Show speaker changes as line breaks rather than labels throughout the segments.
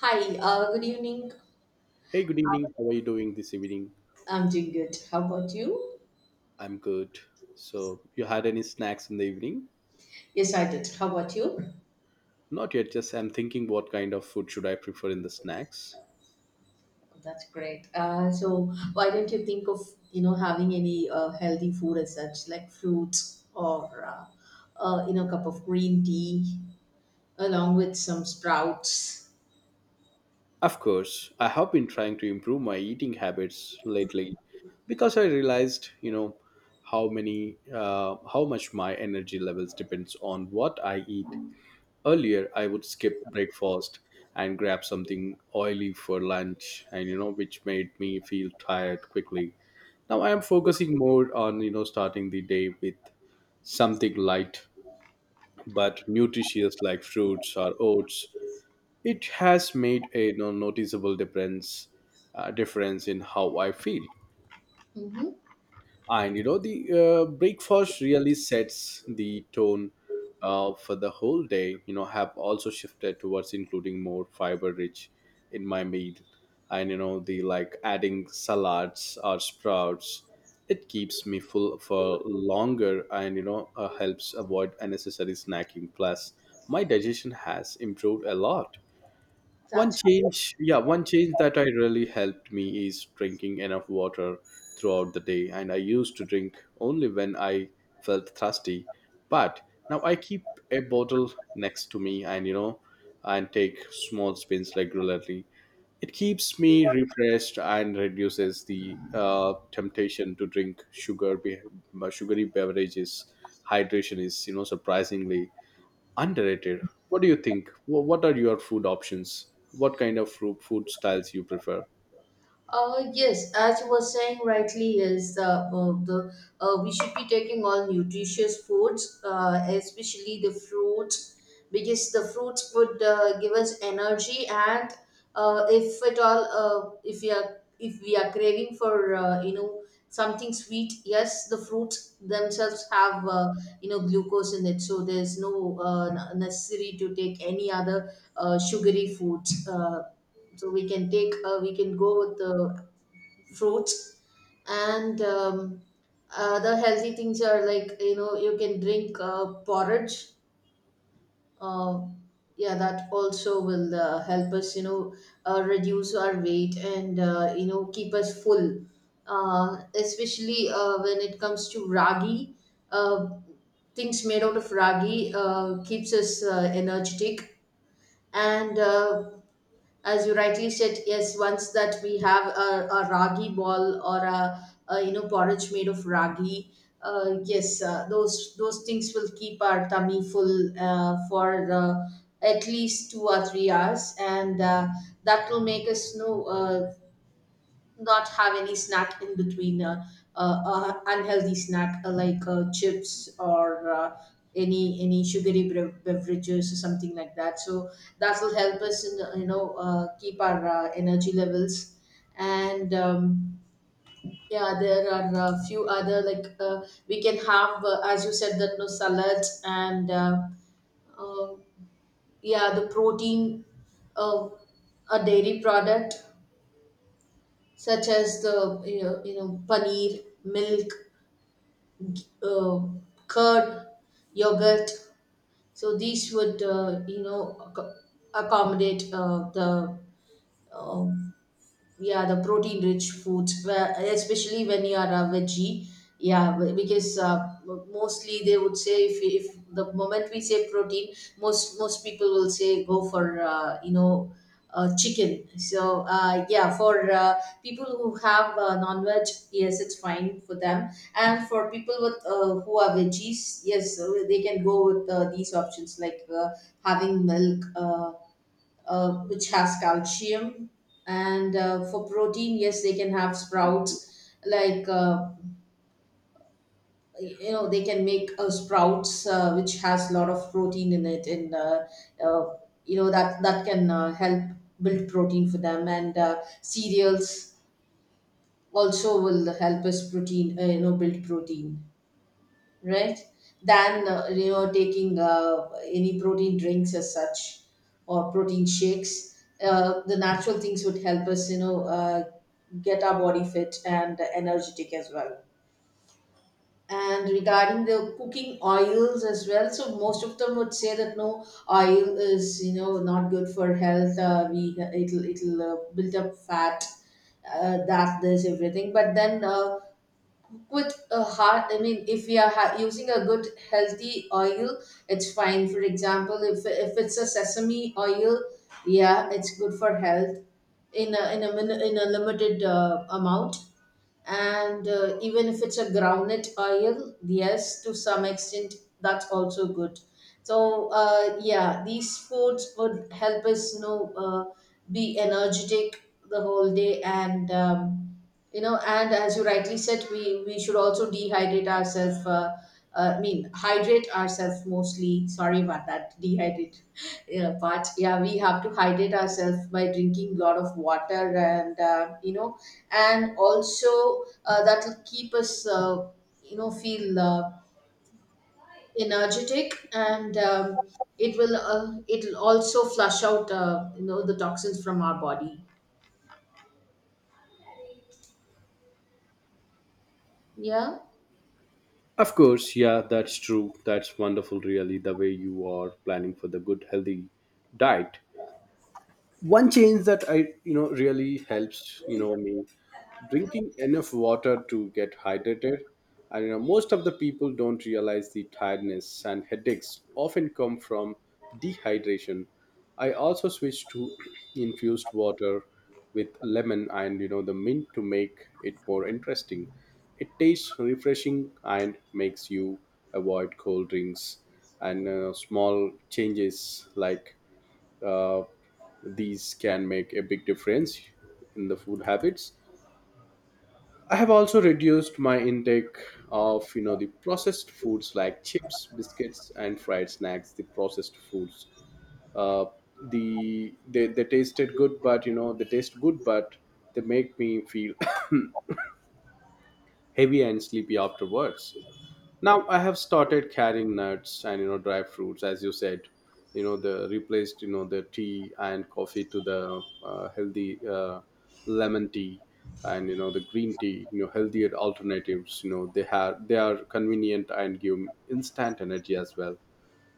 Hi, good evening.
Hey, good evening. How are you doing this evening?
I'm doing good. How about you?
I'm good. So, you had any snacks in the evening?
Yes, I did. How about you?
Not yet, just I'm thinking what kind of food should I prefer in the snacks?
That's great. So why don't you think of, having any healthy food as such, like fruits or, cup of green tea along with some sprouts.
Of course, I have been trying to improve my eating habits lately because I realized, you know, how much my energy levels depends on what I eat. Earlier, I would skip breakfast and grab something oily for lunch, and you know, which made me feel tired quickly. Now I am focusing more on, you know, starting the day with something light but nutritious like fruits or oats. It has made a you know, noticeable difference in how I feel.
Mm-hmm.
And you know the breakfast really sets the tone for the whole day. You know, have also shifted towards including more fiber rich in my meal, and you know the like adding salads or sprouts. It keeps me full for longer, and you know helps avoid unnecessary snacking. Plus my digestion has improved a lot. one
That's
change, yeah, one change that I really helped me is drinking enough water throughout the day. And I used to drink only when I felt thirsty. But now I keep a bottle next to me and, you know, and take small spins regularly. It keeps me refreshed and reduces the temptation to drink sugary beverages. Hydration is, you know, surprisingly underrated. What do you think? What are your food options? What kind of food styles you prefer?
Yes, as you were saying rightly, is the we should be taking all nutritious foods, especially the fruits, because the fruits would give us energy, and if at all, if we are craving for something sweet, yes, the fruits themselves have glucose in it, so there's no necessary to take any other sugary foods. So we can take we can go with the fruits, and the healthy things are like you can drink porridge. Uh, yeah that also will help us, reduce our weight and, keep us full, especially when it comes to ragi. uh, Things made out of ragi keeps us energetic. And uh, as you rightly said, yes, once that we have a ragi ball or a porridge made of ragi, yes, those things will keep our tummy full for at least 2 or 3 hours, and that will make us, not have any snack in between, unhealthy snack, like chips or any sugary beverages or something like that. So that will help us in, keep our energy levels. And um, yeah there are a few other, like, we can have, as you said that, no, salads and, uh, yeah, the protein, uh, a dairy product such as the, paneer, milk, g- uh, curd, yogurt. So these would, accommodate the, um yeah, the protein rich foods, especially when you are a veggie. Yeah, because, mostly they would say, if the moment we say protein, most people will say, go for, chicken. So, yeah, for, people who have, non-veg, yes, it's fine for them. And for people with, who are veggies, yes, they can go with, these options, like, having milk, which has calcium, and, for protein, yes, they can have sprouts, like, they can make, sprouts, which has a lot of protein in it. And, uh, that can, help build protein for them. And, cereals also will help us protein, build protein, right, than, taking, any protein drinks as such or protein shakes. The natural things would help us, get our body fit and energetic as well. And regarding the cooking oils as well, so most of them would say that, no, oil is, not good for health. We, it'll build up fat, that this everything. But then, with a heart, I mean, if we are using a good, healthy oil, it's fine. For example, if it's a sesame oil, yeah, it's good for health, in a in a limited amount. And, even if it's a groundnut oil, yes, to some extent, that's also good. So, yeah, these foods would help us, be energetic the whole day. And and as you rightly said, we should also dehydrate ourselves, I mean, hydrate ourselves mostly. Sorry about that, dehydrate yeah, part. Yeah, we have to hydrate ourselves by drinking a lot of water. And, and also, that will keep us, feel, energetic. And it will, it will also flush out, the toxins from our body. Yeah.
Of course, yeah, that's true. That's wonderful, really, the way you are planning for the good, healthy diet. One change that I you know really helps you know me, drinking enough water to get hydrated. And you know most of the people don't realize the tiredness and headaches often come from dehydration. I also switch to infused water with lemon and you know the mint to make it more interesting. It tastes refreshing and makes you avoid cold drinks. And small changes like uh, these can make a big difference in the food habits. I have also reduced my intake of you know the processed foods like chips, biscuits and fried snacks, the processed foods uh, the they taste good but they make me feel heavy and sleepy afterwards. Now I have started carrying nuts and you know dry fruits, as you said. You know the replaced you know the tea and coffee to the healthy lemon tea and you know the green tea. You know, healthier alternatives. You know they have, they are convenient and give instant energy as well.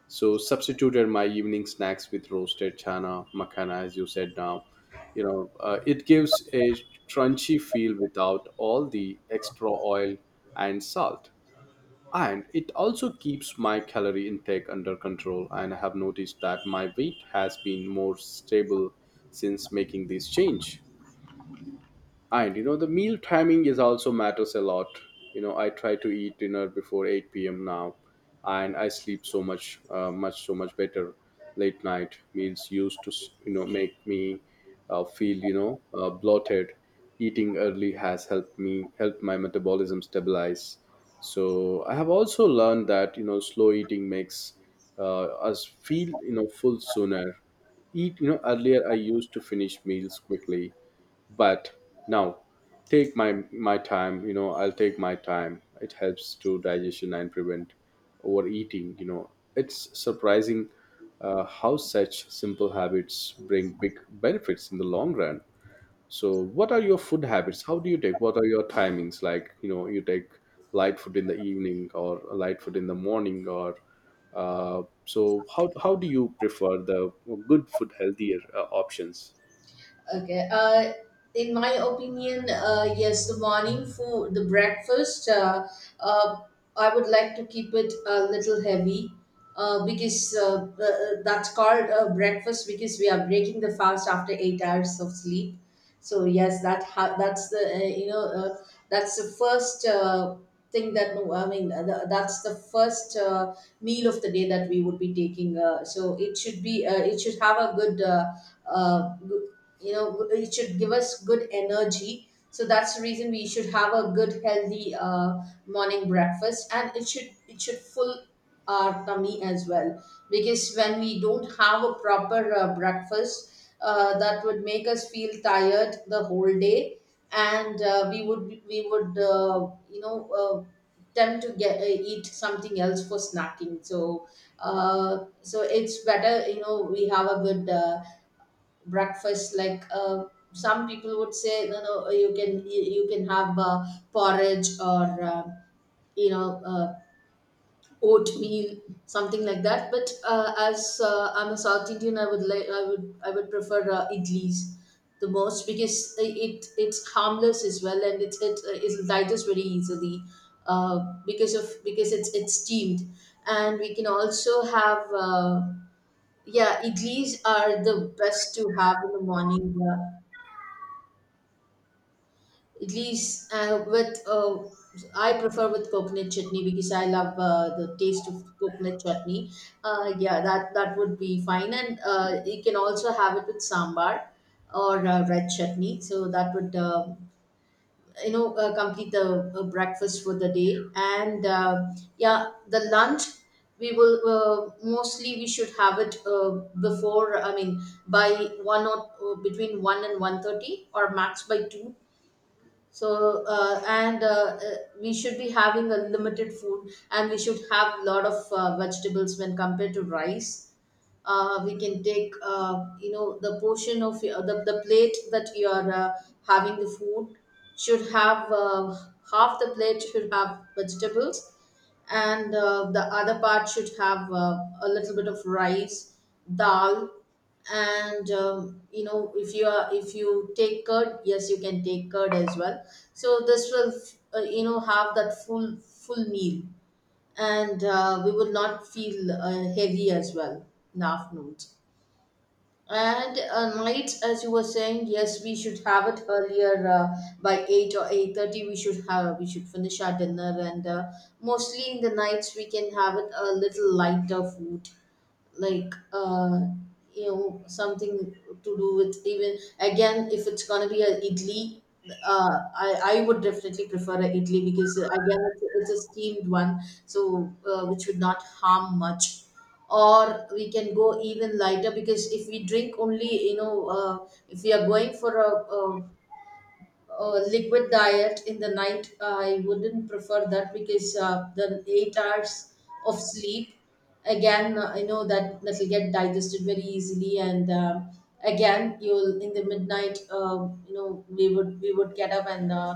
So substituted my evening snacks with roasted chana makhana, as you said now. You know it gives a crunchy feel without all the extra oil and salt, and it also keeps my calorie intake under control, and I have noticed that my weight has been more stable since making this change. And you know, the meal timing is also matters a lot. You know, I try to eat dinner before 8 p.m. now, and I sleep so much, so much better. Late night meals used to, you know, make me feel, you know, bloated. Eating early has helped me help my metabolism stabilize. So I have also learned that you know, slow eating makes us feel, you know, full sooner. Eat, you know, earlier I used to finish meals quickly, but now take my time, you know, I'll take my time. It helps to digestion and prevent overeating, you know. It's surprising how such simple habits bring big benefits in the long run. So what are your food habits? How do you take, what are your timings, like you know, you take light food in the evening or light food in the morning, or so how do you prefer the good food, healthier options?
Okay. In my opinion, yes, the morning food, the breakfast, uh, I would like to keep it a little heavy, because, that's called breakfast because we are breaking the fast after 8 hours of sleep. So yes, that's the, that's the first, thing that, I mean, that's the first meal of the day that we would be taking. So it should be, it should have a good. Uh, it should give us good energy, so that's the reason we should have a good, healthy morning breakfast, and it should, full our tummy as well, because when we don't have a proper breakfast, that would make us feel tired the whole day. And, we would you know uh, tend to get eat something else for snacking. So, so it's better, we have a good breakfast, like, some people would say, you can you can have, porridge or, you know uh, oatmeal, something like that. But, as I'm a South Indian, I would like I would I would prefer, idlis the most, because it, it's harmless as well, and it digest very easily, uh, because of, because it's steamed. And we can also have, yeah, idlis are the best to have in the morning. Idlis, with, I prefer with coconut chutney, because I love the taste of coconut chutney. Yeah, that would be fine, and you can also have it with sambar or, red chutney. So that would, complete the breakfast for the day. And, yeah, the lunch, we will, mostly we should have it, before. I mean, by one or, between 1 and 1:30, or max by 2. So, and uh, we should be having a limited food, and we should have a lot of vegetables when compared to rice. We can take, the portion of the plate that you are, having the food, should have, half the plate should have vegetables, and the other part should have, a little bit of rice, dal, and, if you are if you take curd, yes, you can take curd as well. So this will, have that full meal, and we will not feel heavy as well in the afternoons. And, nights, as you were saying, yes, we should have it earlier, by 8 or 8:30 we should finish our dinner. And, mostly in the nights we can have it a little lighter food, like, something to do with, even again, if it's gonna be an idli, I would definitely prefer an idli, because, again, it's a steamed one. So, which would not harm much. Or we can go even lighter, because if we drink only, if we are going for a liquid diet in the night, I wouldn't prefer that, because, the 8 hours of sleep, again, I know that will get digested very easily. And, again, you'll, in the midnight, you know we would get up and,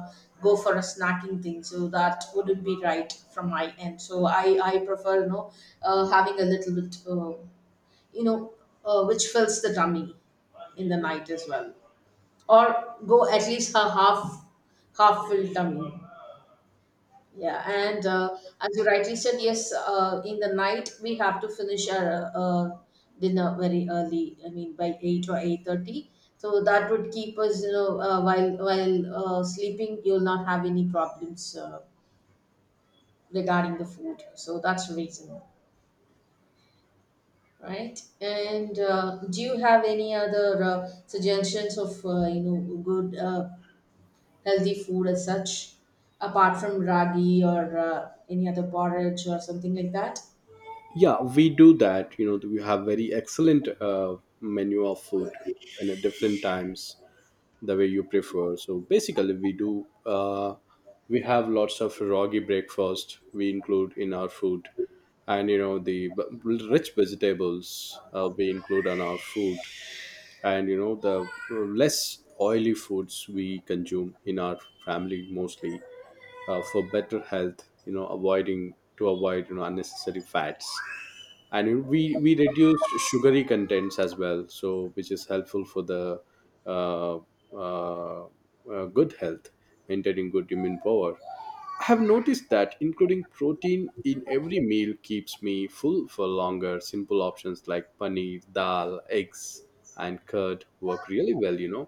go for a snacking thing. So that wouldn't be right from my end. So I prefer, having a little bit, you know which fills the tummy in the night as well, or go at least a half filled tummy. Yeah, and, as you rightly said, yes, in the night we have to finish our dinner very early. I mean, by 8 or 8:30. So that would keep us, while sleeping, you'll not have any problems regarding the food. So that's the reason, right? And, do you have any other suggestions of, good, healthy food as such, apart from ragi, or any other porridge or something like that?
Yeah, we do that. You know, we have very excellent menu of food, and at different times the way you prefer. So basically, we do. We have lots of roggy breakfast. We include in our food, and you know the rich vegetables we include on our food, and you know the less oily foods we consume in our family mostly for better health. You know, avoiding to avoid you know unnecessary fats. And we reduced sugary contents as well, so which is helpful for the uh, uh, good health, maintaining good immune power. I have noticed that including protein in every meal keeps me full for longer. Simple options like paneer, dal, eggs and curd work really well, you know.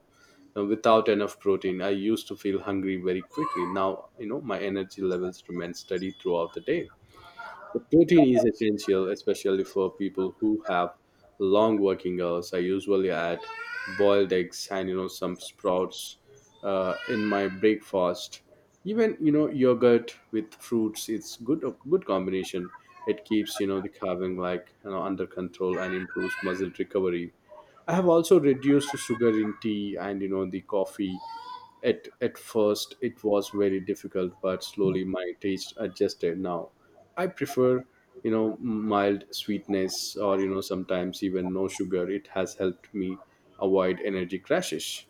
Now, without enough protein I used to feel hungry very quickly. Now you know my energy levels remain steady throughout the day. The protein is essential, especially for people who have long working hours. I usually add boiled eggs and you know some sprouts in my breakfast. Even you know yogurt with fruits. It's good, a good combination. It keeps you know the carving like you know under control and improves muscle recovery. I have also reduced the sugar in tea and you know the coffee. At first, it was very difficult, but slowly my taste adjusted. Now, I prefer, you know, mild sweetness or, you know, sometimes even no sugar. It has helped me avoid energy crashes.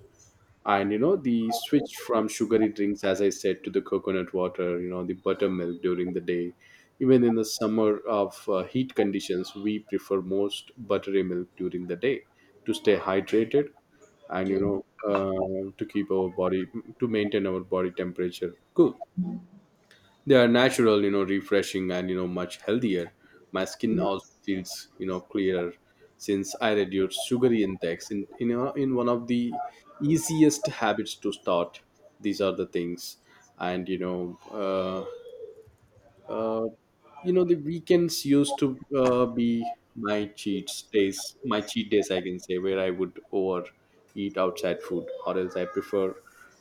And you know the switch from sugary drinks, as I said, to the coconut water, you know the buttermilk during the day. Even in the summer of heat conditions, we prefer most buttery milk during the day to stay hydrated, and you
Yeah.
know to keep our body, to maintain our body temperature cool. They are natural, you know, refreshing and you know much healthier. My skin also feels you know clearer since I reduced sugary intakes in you know, in one of the easiest habits to start, these are the things. And uh, you know, the weekends used to be my cheat days, I can say, where I would overeat outside food, or else I prefer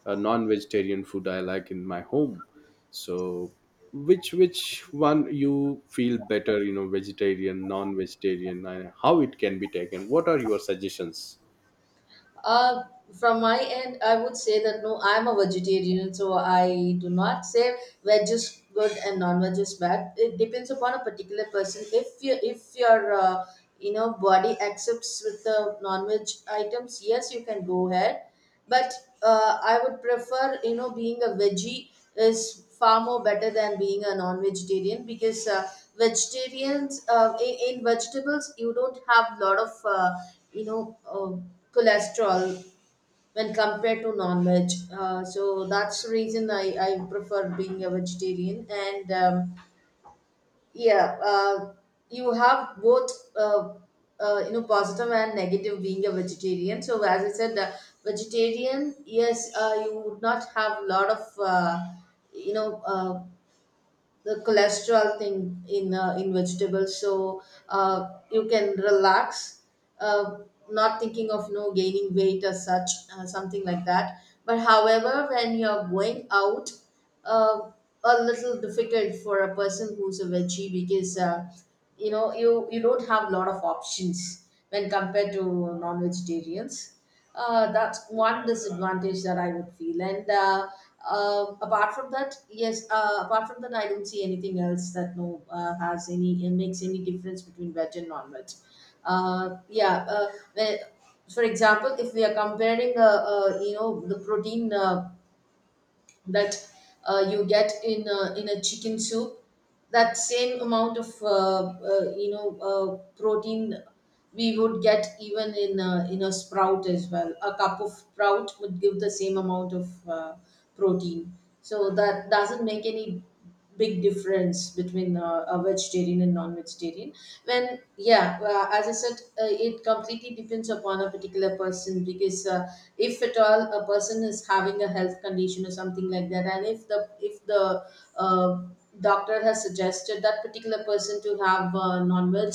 non-vegetarian food I like in my home. So, which one you feel better? You know, vegetarian, non-vegetarian, and how it can be taken? What are your suggestions?
Uh, from my end, I would say that, no, I'm a vegetarian, so I do not say veg is good and non-veg is bad. It depends upon a particular person. If your, body accepts with the non-veg items, yes, you can go ahead. But, I would prefer, being a veggie is far more better than being a non-vegetarian, because, vegetarians, in vegetables you don't have a lot of, you know uh, cholesterol when compared to non-veg. So that's the reason I prefer being a vegetarian. And. Yeah You have both, uh, positive and negative being a vegetarian. So as I said, vegetarian, yes, you would not have a lot of, you know uh, the cholesterol thing in, in vegetables. So, you can relax, uh, not thinking of no gaining weight as such, something like that. But however, when you're going out, uh, a little difficult for a person who's a veggie, because, you don't have a lot of options when compared to non-vegetarians. That's one disadvantage that I would feel. And, apart from that, yes, apart from that, I don't see anything else that, no, has any, makes any difference between veg and non-veg. Yeah, when- for example, if we are comparing, the protein. That, you get in in a chicken soup, that same amount of, protein we would get even in in a sprout as well. A cup of sprout would give the same amount of, protein. So that doesn't make any big difference between, a vegetarian and non-vegetarian. When yeah, as I said, it completely depends upon a particular person. Because, if at all a person is having a health condition or something like that, and if the uh, doctor has suggested that particular person to have, non-veg,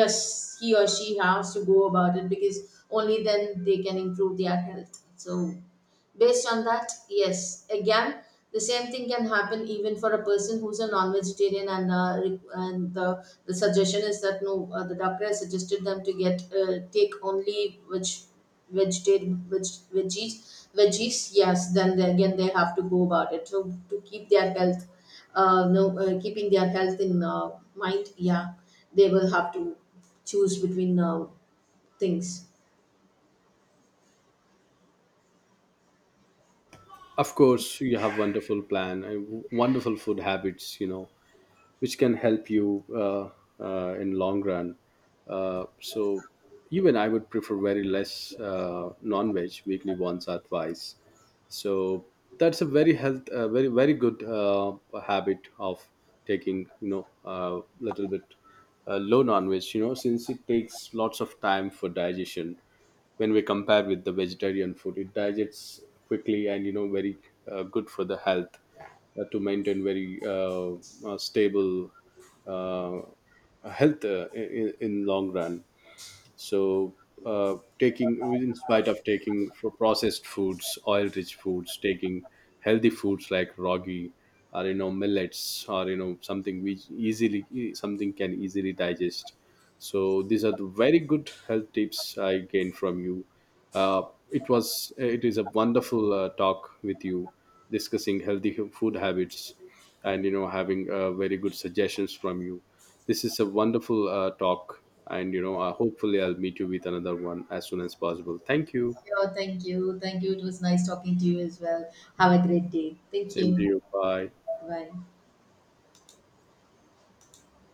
yes, he or she has to go about it, because only then they can improve their health. So based on that, yes. Again, the same thing can happen even for a person who's a non-vegetarian. And, and the suggestion is that, no, the doctor has suggested them to get, take only which vegetarian, which veggies. Yes, then they, again, they have to go about it to, keep their health, no, keeping their health in, mind. Yeah, they will have to choose between, things.
Of course, you have wonderful plan, wonderful food habits. You know, which can help you in long run. So even I would prefer very less non-veg weekly once or twice. So that's a very health very very good habit of taking you know a little bit low non-veg, you know, since it takes lots of time for digestion. When we compare with the vegetarian food, it digests quickly and you know very good for the health to maintain very stable uh, health in long run. So taking in spite of taking for processed foods, oil rich foods, taking healthy foods like ragi or you know millets or you know something which easily something can easily digest. So these are the very good health tips I gained from you. uh, it was, it is a wonderful talk with you, discussing healthy food habits and you know having very good suggestions from you. This is a wonderful talk, and you know, hopefully, I'll meet you with another one as soon as possible. Thank you.
Yeah, thank you. Thank you. It was nice talking to you as well. Have a great day. Thank
Same to
you.
you. Bye.
Bye.